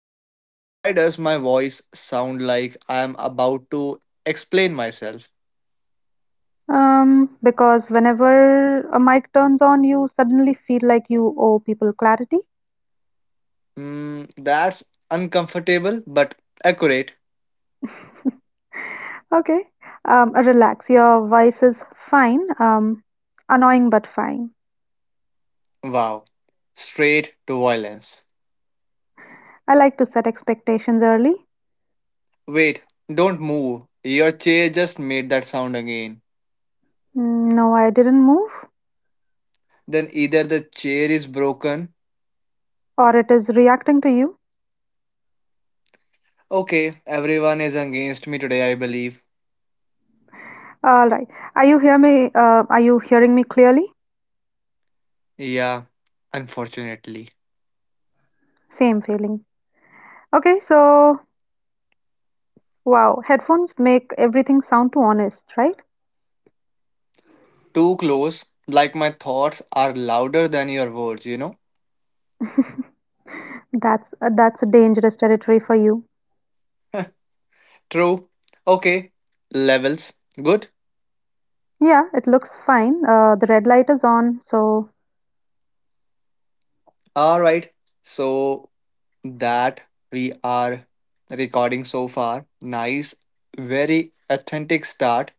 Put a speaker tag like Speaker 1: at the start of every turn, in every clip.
Speaker 1: wait. Why does my voice sound like I am about to explain myself?
Speaker 2: Because whenever a mic turns on, you suddenly feel like you owe people clarity.
Speaker 1: Hmm, that's uncomfortable but accurate.
Speaker 2: Okay. Relax. Your voice is fine. Annoying but fine.
Speaker 1: Wow. Straight to violence.
Speaker 2: I like to set expectations early.
Speaker 1: Wait, don't move. Your chair just made that sound again.
Speaker 2: No, I didn't move,
Speaker 1: Then either the chair is broken.
Speaker 2: or it is reacting to you.
Speaker 1: Okay, everyone is against me today, I believe.
Speaker 2: All right. Are you hearing me clearly?
Speaker 1: Yeah, unfortunately.
Speaker 2: Same feeling. Okay. So, wow, headphones make everything sound too honest, right?
Speaker 1: Too close, like my thoughts are louder than your words, you know?
Speaker 2: That's a dangerous territory for you.
Speaker 1: True. Okay. Levels. Good.
Speaker 2: Yeah, it looks fine. The red light is on, so
Speaker 1: All right. So that we are recording so far. Nice. Very authentic start.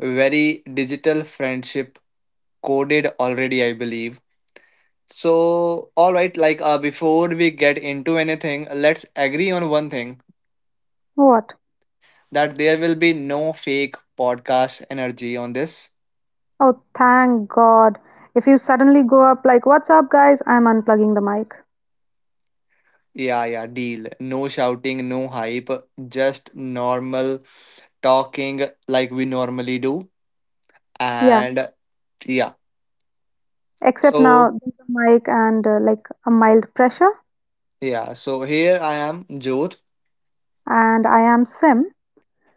Speaker 1: Very digital friendship coded already, I believe. So, all right, before we get into anything, let's agree on one thing
Speaker 2: what?
Speaker 1: that there will be no fake podcast energy on this.
Speaker 2: Oh, thank God. If you suddenly go up like, "What's up, guys? I'm unplugging the mic."
Speaker 1: Yeah, yeah, deal. No shouting, no hype, just normal talking like we normally do.
Speaker 2: Yeah,
Speaker 1: And yeah,
Speaker 2: except now
Speaker 1: so
Speaker 2: there's a mic and like a mild pressure,
Speaker 1: yeah, so here I am, Jodh,
Speaker 2: and I am Sim.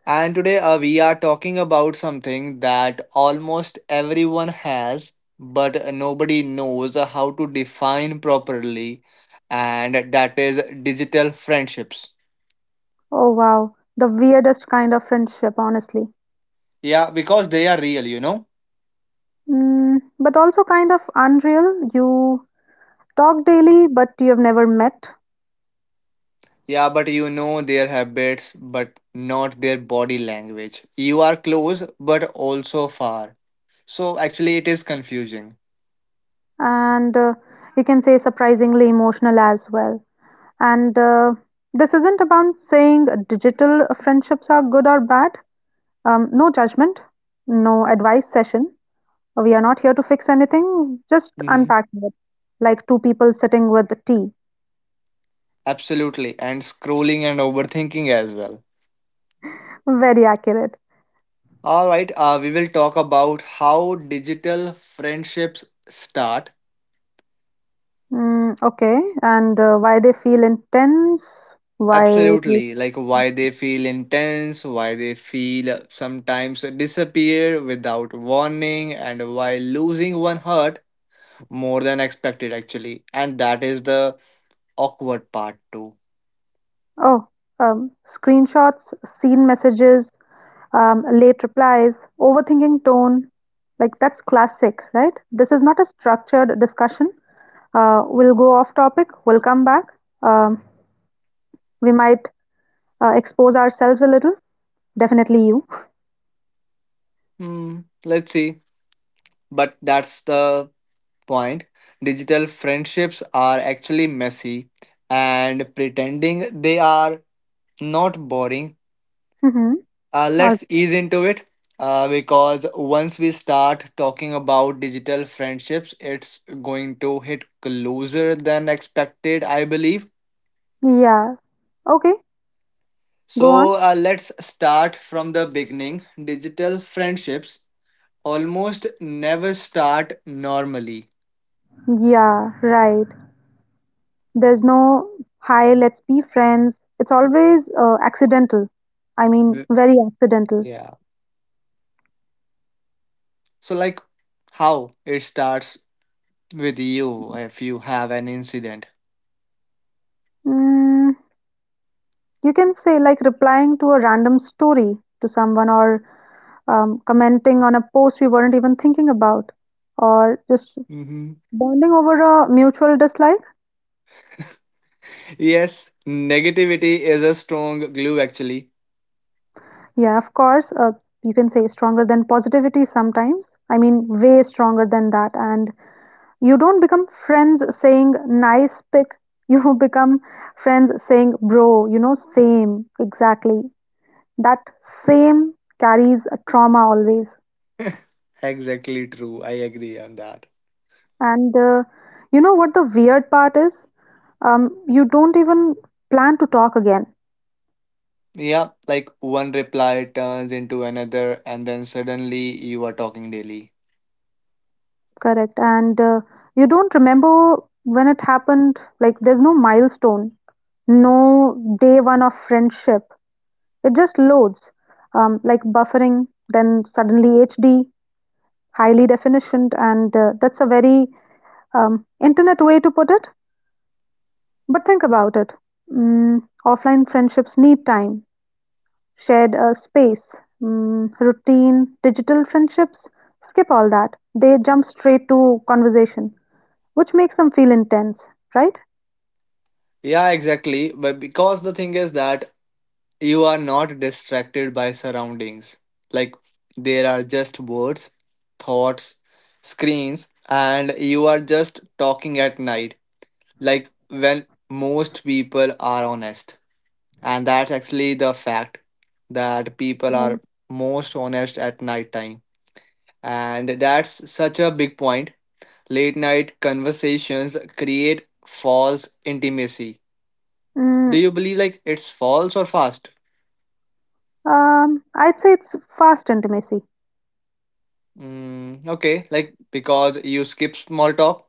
Speaker 1: and today we are talking about something that almost everyone has, but nobody knows how to define properly, and that is digital friendships.
Speaker 2: Oh wow, the weirdest kind of friendship, honestly.
Speaker 1: Yeah, because they are real.
Speaker 2: But also kind of unreal. You talk daily, but you have never met,
Speaker 1: Yeah, but you know their habits, but not their body language. You are close, but also far. So actually, it is confusing.
Speaker 2: and you can say surprisingly emotional as well. And this isn't about saying digital friendships are good or bad. No judgment, no advice session. We are not here to fix anything, just
Speaker 1: Mm-hmm.
Speaker 2: unpacking it. Like two people sitting with tea.
Speaker 1: Absolutely, and scrolling and overthinking as well.
Speaker 2: Very accurate.
Speaker 1: All right, we will talk about how digital friendships start.
Speaker 2: Okay, and why they feel intense? Why? they-
Speaker 1: Absolutely, like why they feel intense, why they feel sometimes disappear without warning, and why losing one hurt more than expected actually. And that is the awkward part too.
Speaker 2: Oh, screenshots, seen messages, late replies, overthinking tone. Like that's classic, right? This is not a structured discussion. We'll go off topic. We'll come back. Um, we might expose ourselves a little. Definitely you.
Speaker 1: Hmm, let's see. But that's the point. Digital friendships are actually messy, and pretending they are not boring.
Speaker 2: Mm-hmm. All,
Speaker 1: Let's ease into it. Because once we start talking about digital friendships, it's going to hit closer than expected, I believe.
Speaker 2: yeah. Okay. Go
Speaker 1: So
Speaker 2: on.
Speaker 1: let's start from the beginning. Digital friendships almost never start normally.
Speaker 2: Yeah. Right. There's no hi. Let's be friends. It's always accidental. I mean, very accidental.
Speaker 1: Yeah. So, like, how it starts with you if you have an incident.
Speaker 2: Mm, you can say like replying to a random story to someone, or commenting on a post we weren't even thinking about, or just
Speaker 1: Hmm.
Speaker 2: bonding over a mutual dislike.
Speaker 1: Yes, negativity is a strong glue, actually.
Speaker 2: Yeah, of course, you can say stronger than positivity sometimes. I mean, way stronger than that. And you don't become friends saying nice pic. You become friends saying bro, same, exactly. That same carries a trauma always.
Speaker 1: Exactly true. I agree on that.
Speaker 2: And you know what the weird part is? You don't even plan to talk again.
Speaker 1: Yeah, like one reply turns into another, and then suddenly you are talking daily.
Speaker 2: Correct. And you don't remember when it happened, like there's no milestone, no day one of friendship. It just loads, like buffering, then suddenly HD, highly definitioned, and that's a very internet way to put it. But think about it. Offline friendships need time, shared space, routine, digital friendships. Skip all that. They jump straight to conversation. Which makes them feel intense, right?
Speaker 1: Yeah, exactly. But because the thing is that you are not distracted by surroundings. Like there are just words, thoughts, screens, and you are just talking at night. Like when most people are honest. And that's actually the fact that people
Speaker 2: Mm.
Speaker 1: are most honest at night time. And that's such a big point. Late night conversations create false intimacy. Do you
Speaker 2: Mm,
Speaker 1: believe like it's false or fast?
Speaker 2: I'd say it's fast intimacy.
Speaker 1: Mm, okay, like because you skip small talk,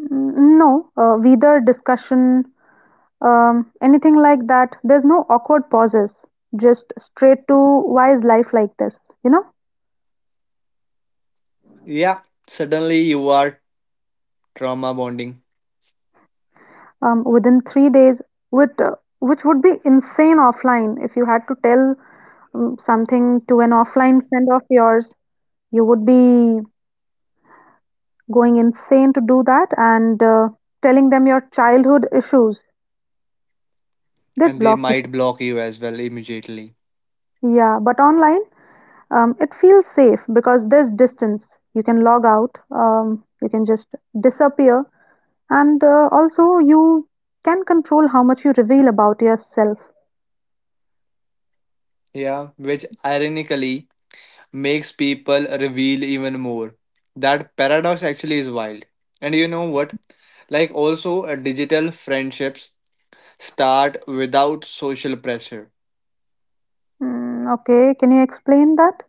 Speaker 2: No, either discussion, anything like that. There's no awkward pauses. Just straight to why is life like this? You know,
Speaker 1: yeah, suddenly you are trauma bonding,
Speaker 2: Within 3 days, with which would be insane offline. If you had to tell something to an offline friend of yours, you would be going insane to do that and telling them your childhood issues. Did
Speaker 1: and they
Speaker 2: block you.
Speaker 1: might block you as well immediately.
Speaker 2: Yeah, but online, it feels safe because there's distance. You can log out, you can just disappear, and also you can control how much you reveal about yourself.
Speaker 1: Yeah, which ironically makes people reveal even more. That paradox actually is wild. And you know what? Like, also, digital friendships start without social pressure.
Speaker 2: Okay, can you explain that?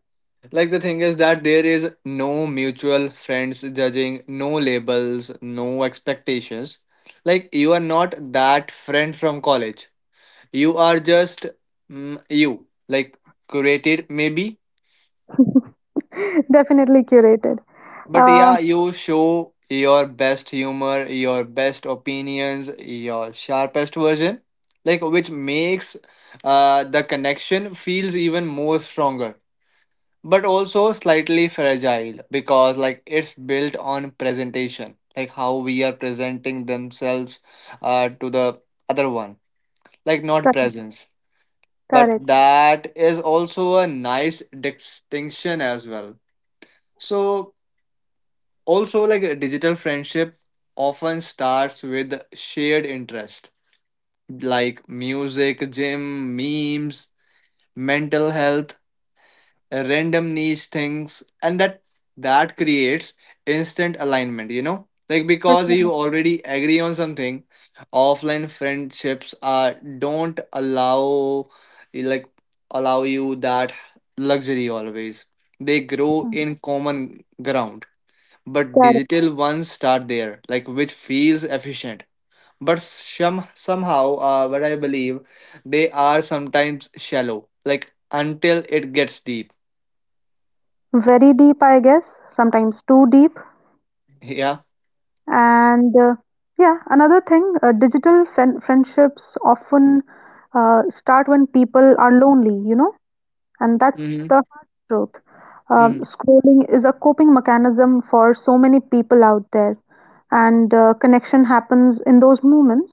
Speaker 1: Like the thing is that there is no mutual friends judging, no labels, no expectations. Like you are not that friend from college. You are just you, like curated maybe.
Speaker 2: Definitely curated.
Speaker 1: But
Speaker 2: Uh,
Speaker 1: yeah, you show your best humor, your best opinions, your sharpest version, like which makes the connection feels even more stronger, but also slightly fragile because like it's built on presentation, like how we are presenting themselves to the other one, like not
Speaker 2: cor-
Speaker 1: presence, but
Speaker 2: Correct.
Speaker 1: that is also a nice distinction as well. So also like a digital friendship often starts with shared interest, like music, gym, memes, mental health, random niche things, and that creates instant alignment, you know, like
Speaker 2: Right,
Speaker 1: because
Speaker 2: yeah,
Speaker 1: you already agree on something. Offline friendships are don't allow like allow you that luxury always, they grow in common ground, but
Speaker 2: correct.
Speaker 1: digital ones start there, like which feels efficient, but somehow what I believe, they are sometimes shallow, like until it gets deep.
Speaker 2: Very deep, I guess. Sometimes too deep.
Speaker 1: Yeah.
Speaker 2: And yeah, another thing, digital friendships often start when people are lonely, you know, and that's
Speaker 1: Mm-hmm.
Speaker 2: the hard truth.
Speaker 1: Mm-hmm.
Speaker 2: Scrolling is a coping mechanism for so many people out there, and connection happens in those moments.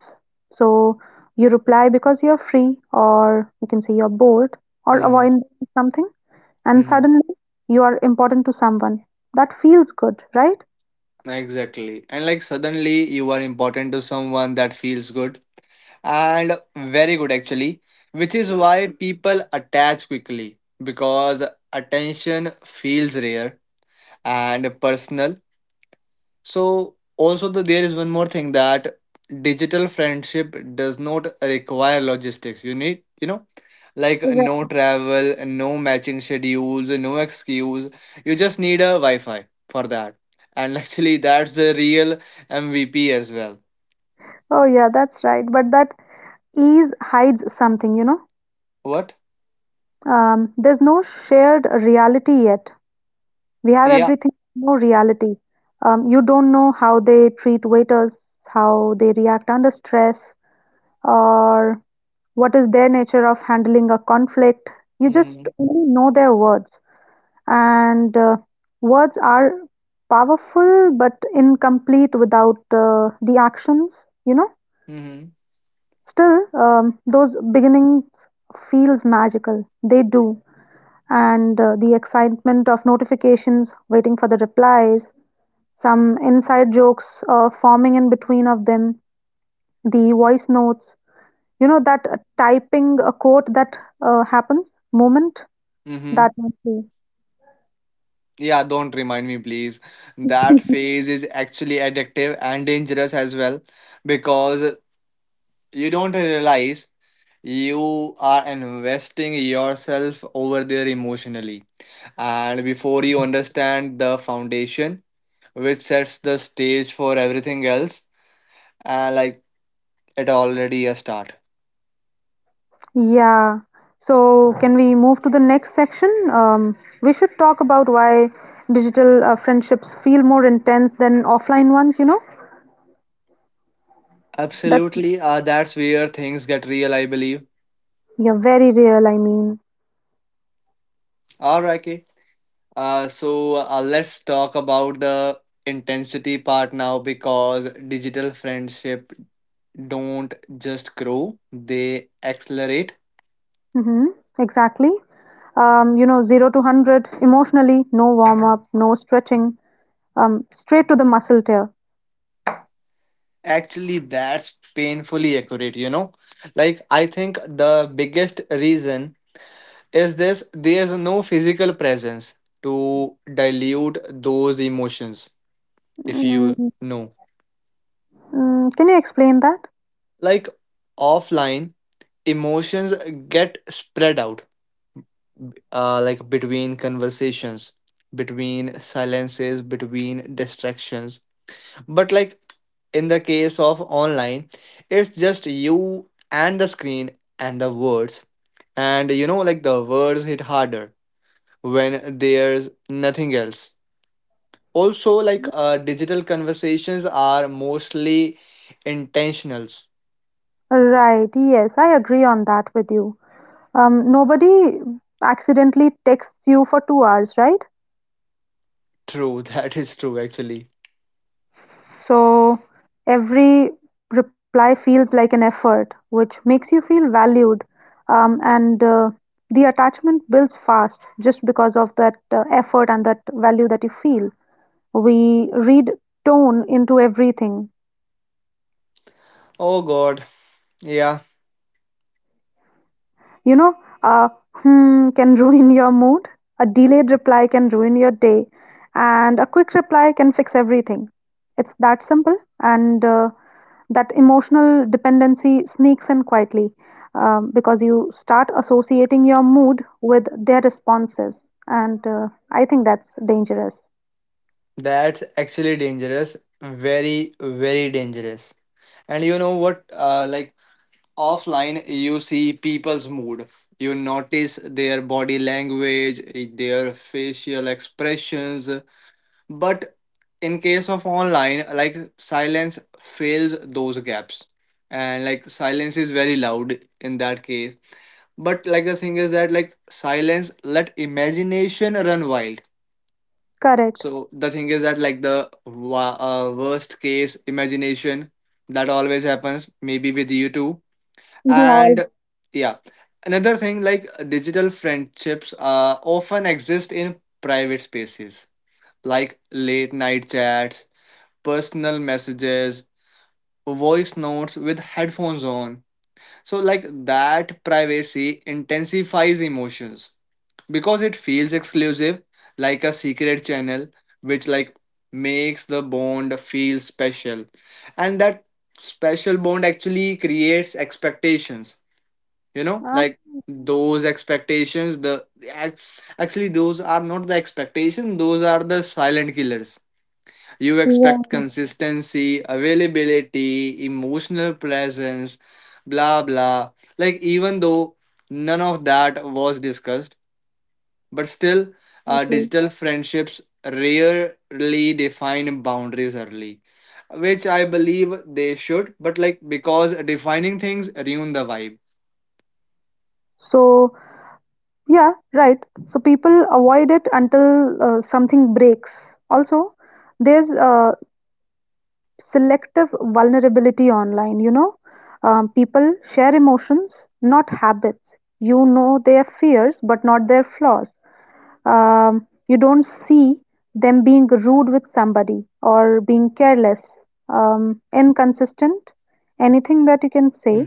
Speaker 2: So you reply because you're free, or you can say you're bored, or
Speaker 1: Mm-hmm.
Speaker 2: avoid something, and
Speaker 1: Mm-hmm.
Speaker 2: suddenly you are important to someone. That feels good, right?
Speaker 1: Exactly. And like suddenly you are important to someone, that feels good, and very good actually, which is why people attach quickly, because attention feels rare and personal. So also there is one more thing, that digital friendship does not require logistics. You need, like no
Speaker 2: Right.
Speaker 1: travel, no matching schedules, no excuse. You just need a Wi-Fi for that. And actually that's the real MVP as well.
Speaker 2: Oh, yeah, that's right. But that ease hides something, you know.
Speaker 1: What?
Speaker 2: There's no shared reality yet. We have
Speaker 1: Yeah.
Speaker 2: everything, no reality. You don't know how they treat waiters, how they react under stress, or what is their nature of handling a conflict. You just
Speaker 1: Mm-hmm.
Speaker 2: only know their words. And words are powerful but incomplete without the actions, you know.
Speaker 1: Mm-hmm.
Speaker 2: Still, those beginnings feels magical. They do. And the excitement of notifications, waiting for the replies, some inside jokes forming in between of them, the voice notes, you know, that typing a quote that happens moment
Speaker 1: Mm-hmm.
Speaker 2: that must be.
Speaker 1: Yeah, don't remind me, please. That phase is actually addictive and dangerous as well, because you don't realize you are investing yourself over there emotionally, and before you understand the foundation, which sets the stage for everything else, like it already a start.
Speaker 2: Yeah. So, can we move to the next section? We should talk about why digital friendships feel more intense than offline ones, you know? That's
Speaker 1: Absolutely, that's where things get real, I believe.
Speaker 2: Yeah, very real, I mean.
Speaker 1: All right, okay. So let's talk about the intensity part now, because digital friendship don't just grow, they accelerate.
Speaker 2: Mhm, exactly. You know, 0 to 100 emotionally, no warm up, no stretching, straight to the muscle tear.
Speaker 1: Actually, that's painfully accurate, you know? Like, I think the biggest reason is this, there's no physical presence to dilute those emotions, if you
Speaker 2: Mm,
Speaker 1: know.
Speaker 2: can you explain that?
Speaker 1: Like, offline, emotions get spread out, like between conversations, between silences, between distractions. But like in the case of online, it's just you and the screen and the words. And like the words hit harder when there's nothing else. Also, like digital conversations are mostly intentionals.
Speaker 2: Right, yes, I agree on that with you. Nobody accidentally texts you for 2 hours, right?
Speaker 1: True, that is true actually.
Speaker 2: So every reply feels like an effort, which makes you feel valued. And The attachment builds fast just because of that effort and that value that you feel. We read tone into everything.
Speaker 1: Oh god, yeah,
Speaker 2: You know, a hmm can ruin your mood, a delayed reply can ruin your day, and a quick reply can fix everything. It's that simple, and that emotional dependency sneaks in quietly because you start associating your mood with their responses, and I think that's dangerous.
Speaker 1: that's actually dangerous. Very, very dangerous. And you know what? Like offline you see people's mood, you notice their body language, their facial expressions, but in case of online, like silence fills those gaps, and like silence is very loud in that case. But like the thing is that like silence let imagination run wild.
Speaker 2: Correct.
Speaker 1: So the thing is that like the worst case imagination, that always happens maybe with you too. And
Speaker 2: Yeah.
Speaker 1: yeah, another thing, like digital friendships often exist in private spaces, like late night chats, personal messages, voice notes with headphones on. So like that privacy intensifies emotions, because it feels exclusive, like a secret channel, which like makes the bond feel special. And that special bond actually creates expectations, you know,
Speaker 2: Ah,
Speaker 1: like those expectations, the actually those are not the expectation, those are the silent killers. You expect
Speaker 2: yeah,
Speaker 1: consistency, availability, emotional presence, blah blah, like even though none of that was discussed. But still,
Speaker 2: exactly.
Speaker 1: digital friendships rarely define boundaries early, which I believe they should, but like because defining things ruin the vibe.
Speaker 2: So, yeah, right. So people avoid it until something breaks. Also, there's selective vulnerability online, you know. People share emotions, not habits. You know their fears, but not their flaws. You don't see them being rude with somebody or being careless, inconsistent, anything that you can say.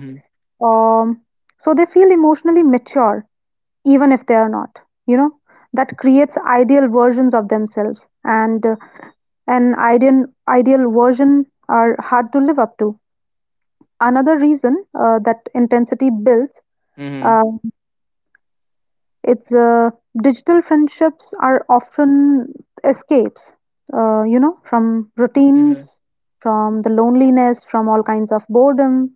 Speaker 2: Um, so they feel emotionally mature even if they are not, you know, that creates ideal versions of themselves, and an ideal version are hard to live up to, another reason that intensity builds.
Speaker 1: Mm-hmm.
Speaker 2: Uh, it's Digital friendships are often escapes, you know, from routines,
Speaker 1: Hmm.
Speaker 2: from the loneliness, from all kinds of boredom,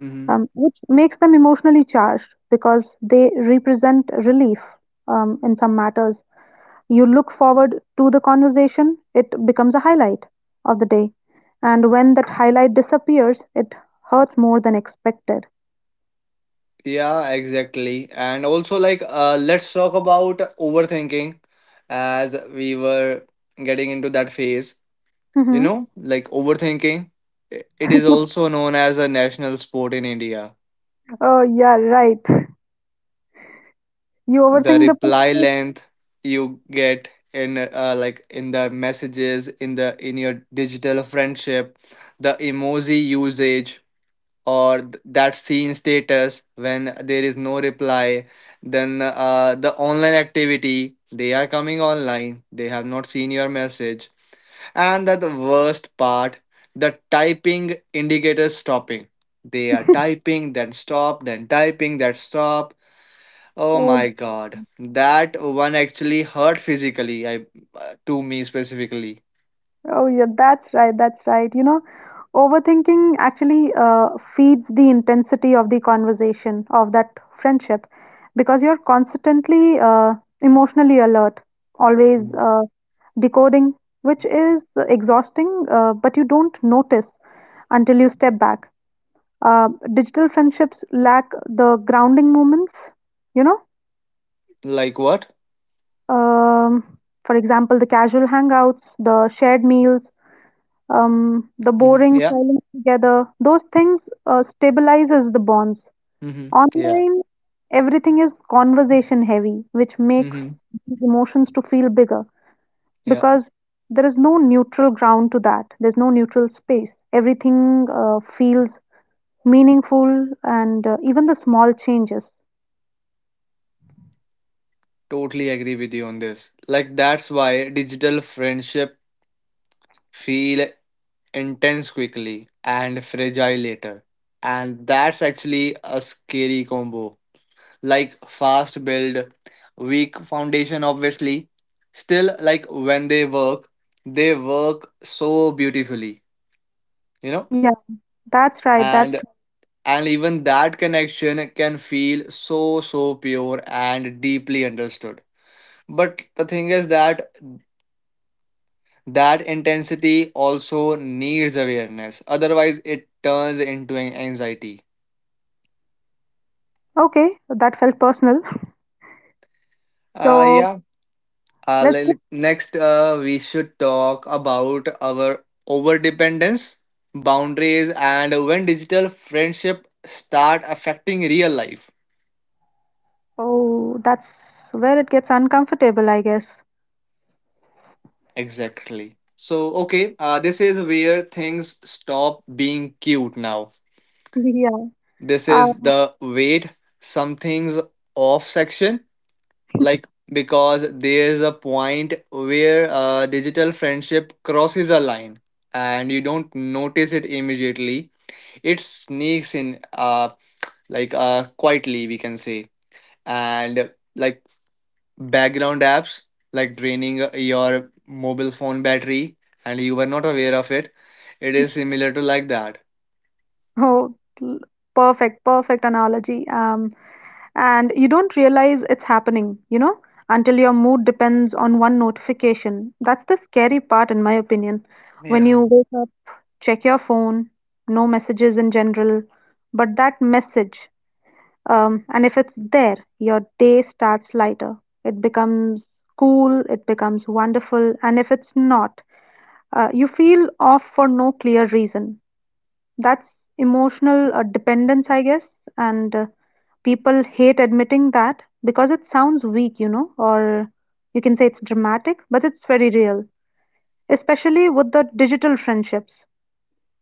Speaker 1: Hmm.
Speaker 2: which makes them emotionally charged because they represent relief, in some matters. You look forward to the conversation, it becomes a highlight of the day. And when that highlight disappears, it hurts more than expected.
Speaker 1: Yeah, exactly. And also, like, let's talk about overthinking as we were getting into that phase. You
Speaker 2: Mhm.
Speaker 1: know, like overthinking, it is also known as a national sport in India.
Speaker 2: Oh, yeah, right. You
Speaker 1: The
Speaker 2: overthink the
Speaker 1: reply
Speaker 2: person.
Speaker 1: length you get in, like, in the messages, in the in your digital friendship, the emoji usage, or that seen status when there is no reply, then the online activity, they are coming online, they have not seen your message. And that the worst part, the typing indicator stopping, they are typing then stop, then typing then stop, oh
Speaker 2: uh,
Speaker 1: my god, that one actually hurt physically, I to me specifically.
Speaker 2: Oh, yeah, that's right. That's right. You know, overthinking actually feeds the intensity of the conversation of that friendship because you're constantly emotionally alert, always
Speaker 1: Mhm.
Speaker 2: decoding, which is exhausting, but you don't notice until you step back. Uh, Digital friendships lack the grounding moments, you know.
Speaker 1: Like what?
Speaker 2: Um, for example, the casual hangouts, the shared meals, the
Speaker 1: Hmm.
Speaker 2: boring
Speaker 1: Yeah.
Speaker 2: silence together. Those things stabilizes the bonds.
Speaker 1: Hmm. Yeah.
Speaker 2: Online, everything is conversation heavy, which
Speaker 1: Hmm.
Speaker 2: makes these emotions to feel bigger.
Speaker 1: Yeah.
Speaker 2: Because there is no neutral ground to that, there's no neutral space, everything feels meaningful, and even the small changes.
Speaker 1: Totally agree with you on this. Like that's why digital friendship feel intense quickly and fragile later. And that's actually a scary combo. Like fast build, weak foundation obviously. Still, like when they work so beautifully, you know?
Speaker 2: Yeah, that's right, that's
Speaker 1: And and even that connection can feel so so pure and deeply understood. But the thing is that that intensity also needs awareness, otherwise, it turns into an anxiety.
Speaker 2: right. Okay, that felt personal. So,
Speaker 1: Yeah.
Speaker 2: let's just.
Speaker 1: Next, we should talk about our overdependence, boundaries, and when digital friendship start affecting real life.
Speaker 2: Oh, that's where it gets uncomfortable, I guess.
Speaker 1: Exactly. So, okay, this is where things stop being cute now.
Speaker 2: Yeah.
Speaker 1: This
Speaker 2: uh,
Speaker 1: is the wait, something's off section, like because there's a point where digital friendship crosses a line, and you don't notice it immediately, it sneaks in, like quietly we can say. And like background apps, like draining your mobile phone battery and you were not aware of it is similar to like that.
Speaker 2: oh l- Perfect, perfect analogy. And you don't realize it's happening, you know, until your mood depends on one notification. That's the scary part, in my opinion. When you
Speaker 1: Yeah,
Speaker 2: wake up, check your phone, no messages in general, but that message, and if it's there, your day starts lighter. It becomes cool, it becomes wonderful, and if it's not, you feel off for no clear reason. That's emotional dependence, I guess, and people hate admitting that because it sounds weak, you know, or you can say it's dramatic, but it's very real, especially with the digital friendships,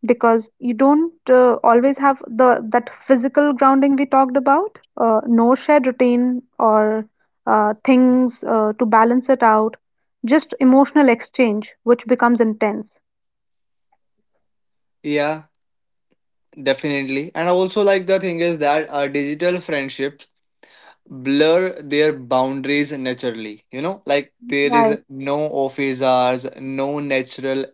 Speaker 2: because you don't always have the that physical grounding we talked about, no shared routine or things to balance it out, just emotional exchange, which becomes intense.
Speaker 1: yeah, definitely. And also, like the thing is that digital friendship blur their boundaries naturally, you know, like there is
Speaker 2: Right.
Speaker 1: no office hours, no natural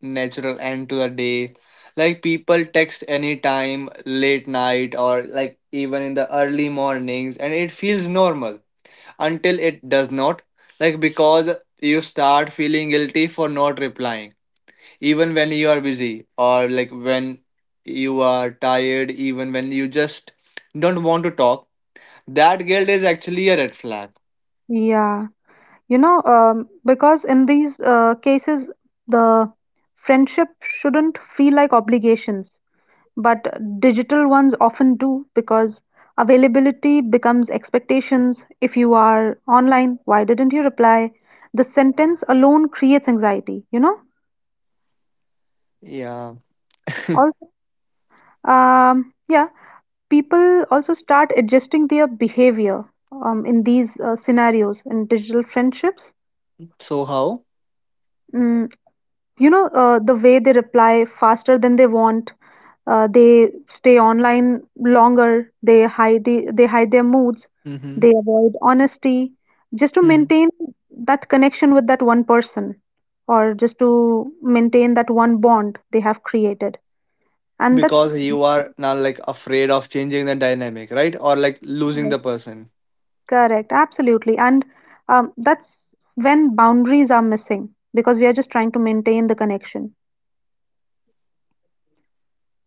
Speaker 1: natural end to the day. Like people text anytime, late night, or like even in the early mornings, and it feels normal until it does not. Like because you start feeling guilty for not replying, even when you are busy, or like when you are tired, even when you just don't want to talk, that guilt is actually a red flag.
Speaker 2: Yeah. You know, because in these cases, the friendship shouldn't feel like obligations, but digital ones often do because availability becomes expectations. If you are online, why didn't you reply? The sentence alone creates anxiety, you know?
Speaker 1: Yeah.
Speaker 2: Also, yeah, people also start adjusting their behavior in these scenarios in digital friendships.
Speaker 1: So how?
Speaker 2: Mm, you know, the way they reply faster than they want, they stay online longer, they hide their moods,
Speaker 1: Mm-hmm.
Speaker 2: they avoid honesty, just to
Speaker 1: Mm-hmm.
Speaker 2: maintain that connection with that one person, or just to maintain that one bond they have created, and that's
Speaker 1: Because you are now like afraid of changing the dynamic, right? Or like losing the
Speaker 2: correct,
Speaker 1: person.
Speaker 2: correct, absolutely. And that's when boundaries are missing because we are just trying to maintain the connection.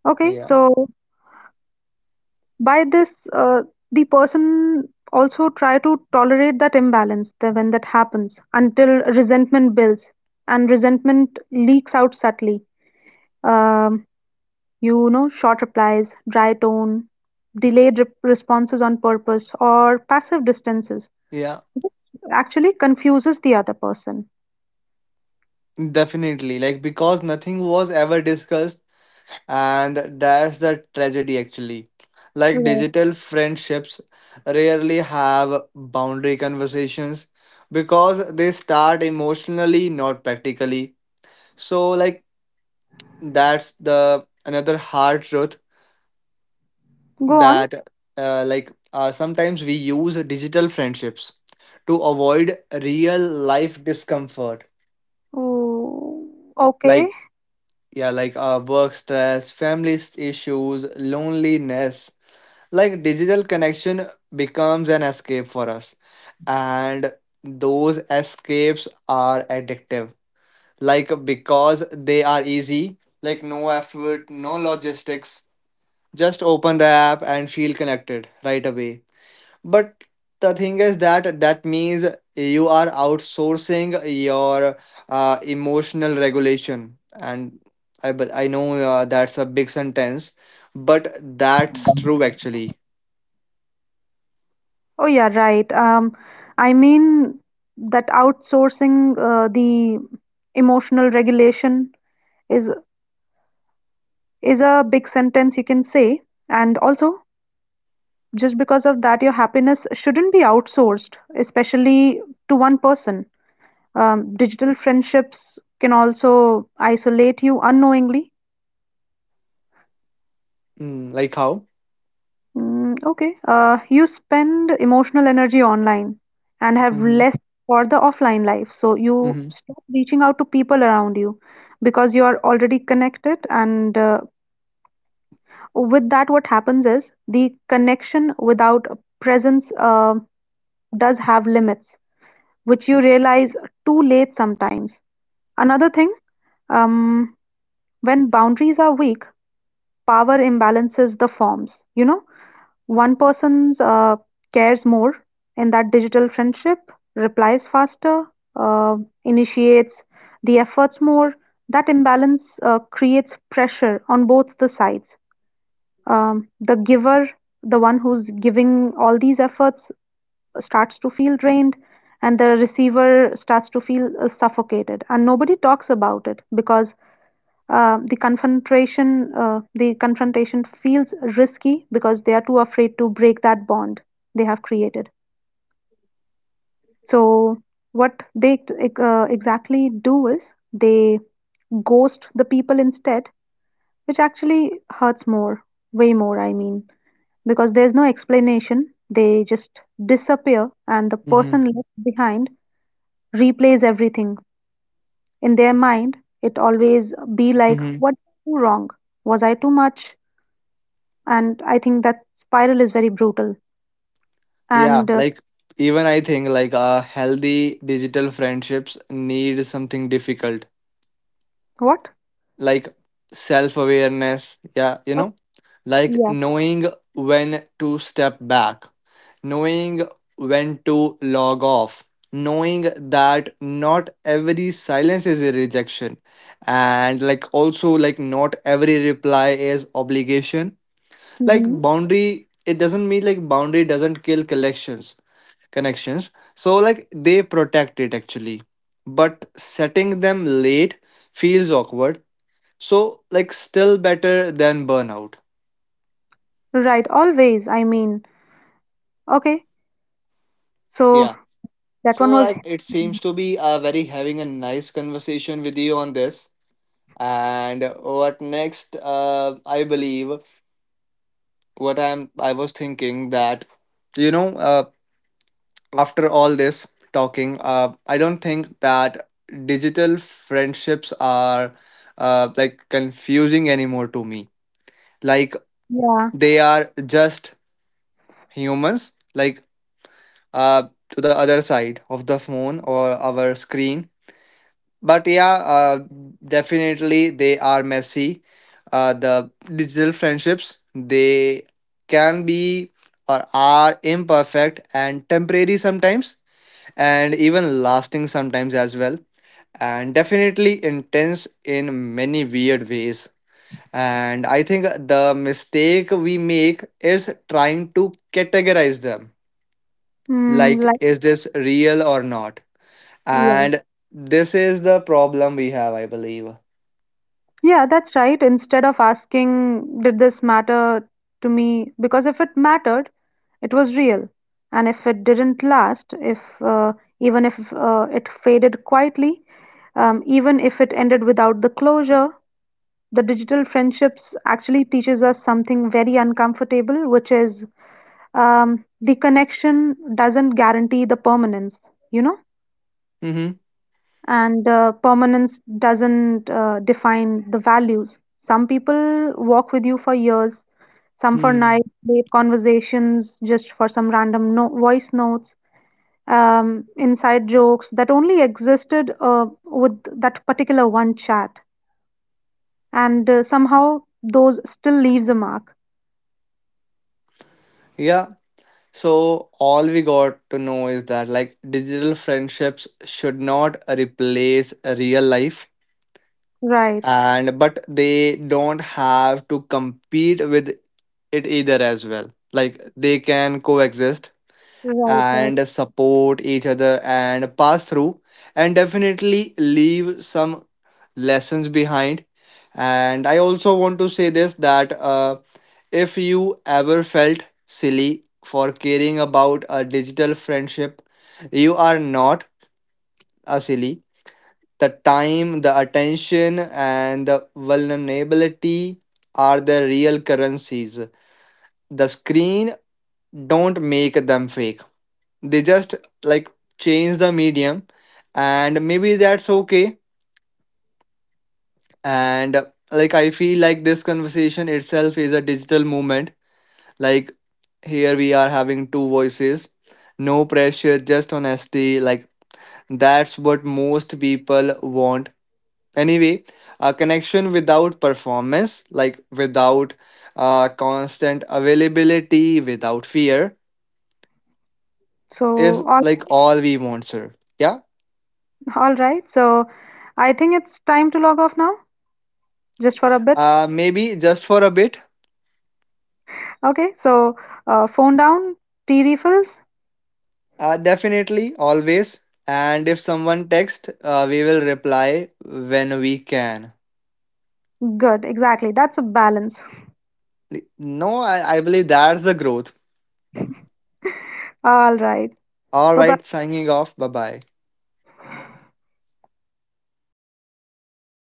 Speaker 2: Okay,
Speaker 1: Yeah.
Speaker 2: so by this, uh, the person also try to tolerate that imbalance, that when that happens until resentment builds, and resentment leaks out subtly. Um, you know, short replies, dry tone, delayed responses on purpose, or passive distances,
Speaker 1: Yeah.
Speaker 2: which actually confuses the other person.
Speaker 1: Definitely. Like because nothing was ever discussed, and that's the tragedy actually. Like
Speaker 2: Right.
Speaker 1: digital friendships rarely have boundary conversations, because they start emotionally, not practically. So like that's the another hard truth,
Speaker 2: Go on.
Speaker 1: that like sometimes we use digital friendships to avoid real life discomfort.
Speaker 2: Ooh, okay.
Speaker 1: Like yeah, like work stress, family issues, loneliness, like digital connection becomes an escape for us. And those escapes are addictive, like because they are easy, like no effort, no logistics, just open the app and feel connected right away. But the thing is that that means you are outsourcing your emotional regulation, and I but I know that's a big sentence, but that's true actually.
Speaker 2: Oh yeah, right. I mean that outsourcing the emotional regulation is is a big sentence, you can say. And also, just because of that, your happiness shouldn't be outsourced, especially to one person. Digital friendships can also isolate you unknowingly.
Speaker 1: Mm, like how?
Speaker 2: Okay. You spend emotional energy online and have
Speaker 1: Mm-hmm.
Speaker 2: less for the offline life. So you
Speaker 1: Mm-hmm.
Speaker 2: stop reaching out to people around you because you are already connected. And with that, what happens is the connection without presence does have limits, which you realize too late sometimes. Another thing, um, when boundaries are weak, power imbalances the forms, you know? One person cares more, in that digital friendship, replies faster, uh, initiates the efforts more. That imbalance creates pressure on both the sides. The giver, the one who's giving all these efforts, starts to feel drained, and the receiver starts to feel suffocated. And nobody talks about it because the confrontation feels risky because they are too afraid to break that bond they have created. So what they exactly do is they ghost the people instead, which actually hurts more, way more, I mean, because there's no explanation, they just disappear, and the
Speaker 1: Mm-hmm.
Speaker 2: person left behind replays everything in their mind. It always be like,
Speaker 1: Mm-hmm.
Speaker 2: what did I do wrong? Was I too much? And I think that spiral is very brutal.
Speaker 1: Yeah,
Speaker 2: And
Speaker 1: like even I think like healthy digital friendships need something difficult,
Speaker 2: what?
Speaker 1: like self awareness. Yeah, you
Speaker 2: Oh,
Speaker 1: know, like
Speaker 2: yeah.
Speaker 1: knowing when to step back, knowing when to log off, knowing that not every silence is a rejection, and like also, like, not every reply is obligation. Like,
Speaker 2: Hmm.
Speaker 1: boundary, it doesn't mean like boundary doesn't kill connections. So, like, they protect it actually. But setting them late feels awkward, so, like, still better than burnout.
Speaker 2: Right, always. I mean, okay. So
Speaker 1: Yeah.
Speaker 2: that
Speaker 1: So,
Speaker 2: one was.
Speaker 1: like, it
Speaker 2: Hmm,
Speaker 1: seems to be very having a nice conversation with you on this. And what next? I believe what I'm. I was thinking that, you know, uh, after all this talking, I don't think that digital friendships are, like confusing anymore to me. Like,
Speaker 2: yeah.
Speaker 1: they are just humans. Like to the other side of the phone or our screen. But yeah, definitely they are messy. The digital friendships, they can be or are imperfect and temporary sometimes, and even lasting sometimes as well, and definitely intense in many weird ways. And I think the mistake we make is trying to categorize them. Like,
Speaker 2: Like,
Speaker 1: is this real or not?
Speaker 2: yeah.
Speaker 1: And this is the problem we have, I believe.
Speaker 2: Yeah, that's right. Instead of asking, did this matter to me? Because if it mattered, it was real. And if it didn't last, if even if it faded quietly, even if it ended without the closure, the digital friendships actually teaches us something very uncomfortable, which is the connection doesn't guarantee the permanence, you know,
Speaker 1: Mm-hmm.
Speaker 2: and permanence doesn't define the values. Some people walk with you for years, some for
Speaker 1: Hmm.
Speaker 2: nights, late conversations, just for some random voice notes, inside jokes that only existed with that particular one chat, and somehow those still leaves a mark.
Speaker 1: Yeah. So all we got to know is that like digital friendships should not replace real life,
Speaker 2: Right.
Speaker 1: and but they don't have to compete with it either as well, like they can coexist
Speaker 2: Right, right.
Speaker 1: and support each other and pass through, and definitely leave some lessons behind. And I also want to say this, that if you ever felt silly for caring about a digital friendship, you are not a silly. The time, the attention, and the vulnerability are the real currencies. The screen don't make them fake, they just like change the medium, and maybe that's okay. And like I feel like this conversation itself is a digital movement, like here we are having two voices, no pressure, just honesty, like that's what most people want anyway, a connection without performance, like without constant availability, without fear,
Speaker 2: So,
Speaker 1: is like all we want sir. Yeah.
Speaker 2: all right. So, I think it's time to log off now, just for a bit.
Speaker 1: Maybe just for a bit.
Speaker 2: Okay, so phone down, tea refills.
Speaker 1: Definitely, always. And if someone texts, we will reply when we can.
Speaker 2: Good, exactly. That's a balance.
Speaker 1: No, I believe that's the growth.
Speaker 2: All right.
Speaker 1: All
Speaker 2: Bye
Speaker 1: right,
Speaker 2: bye.
Speaker 1: signing off. Bye bye.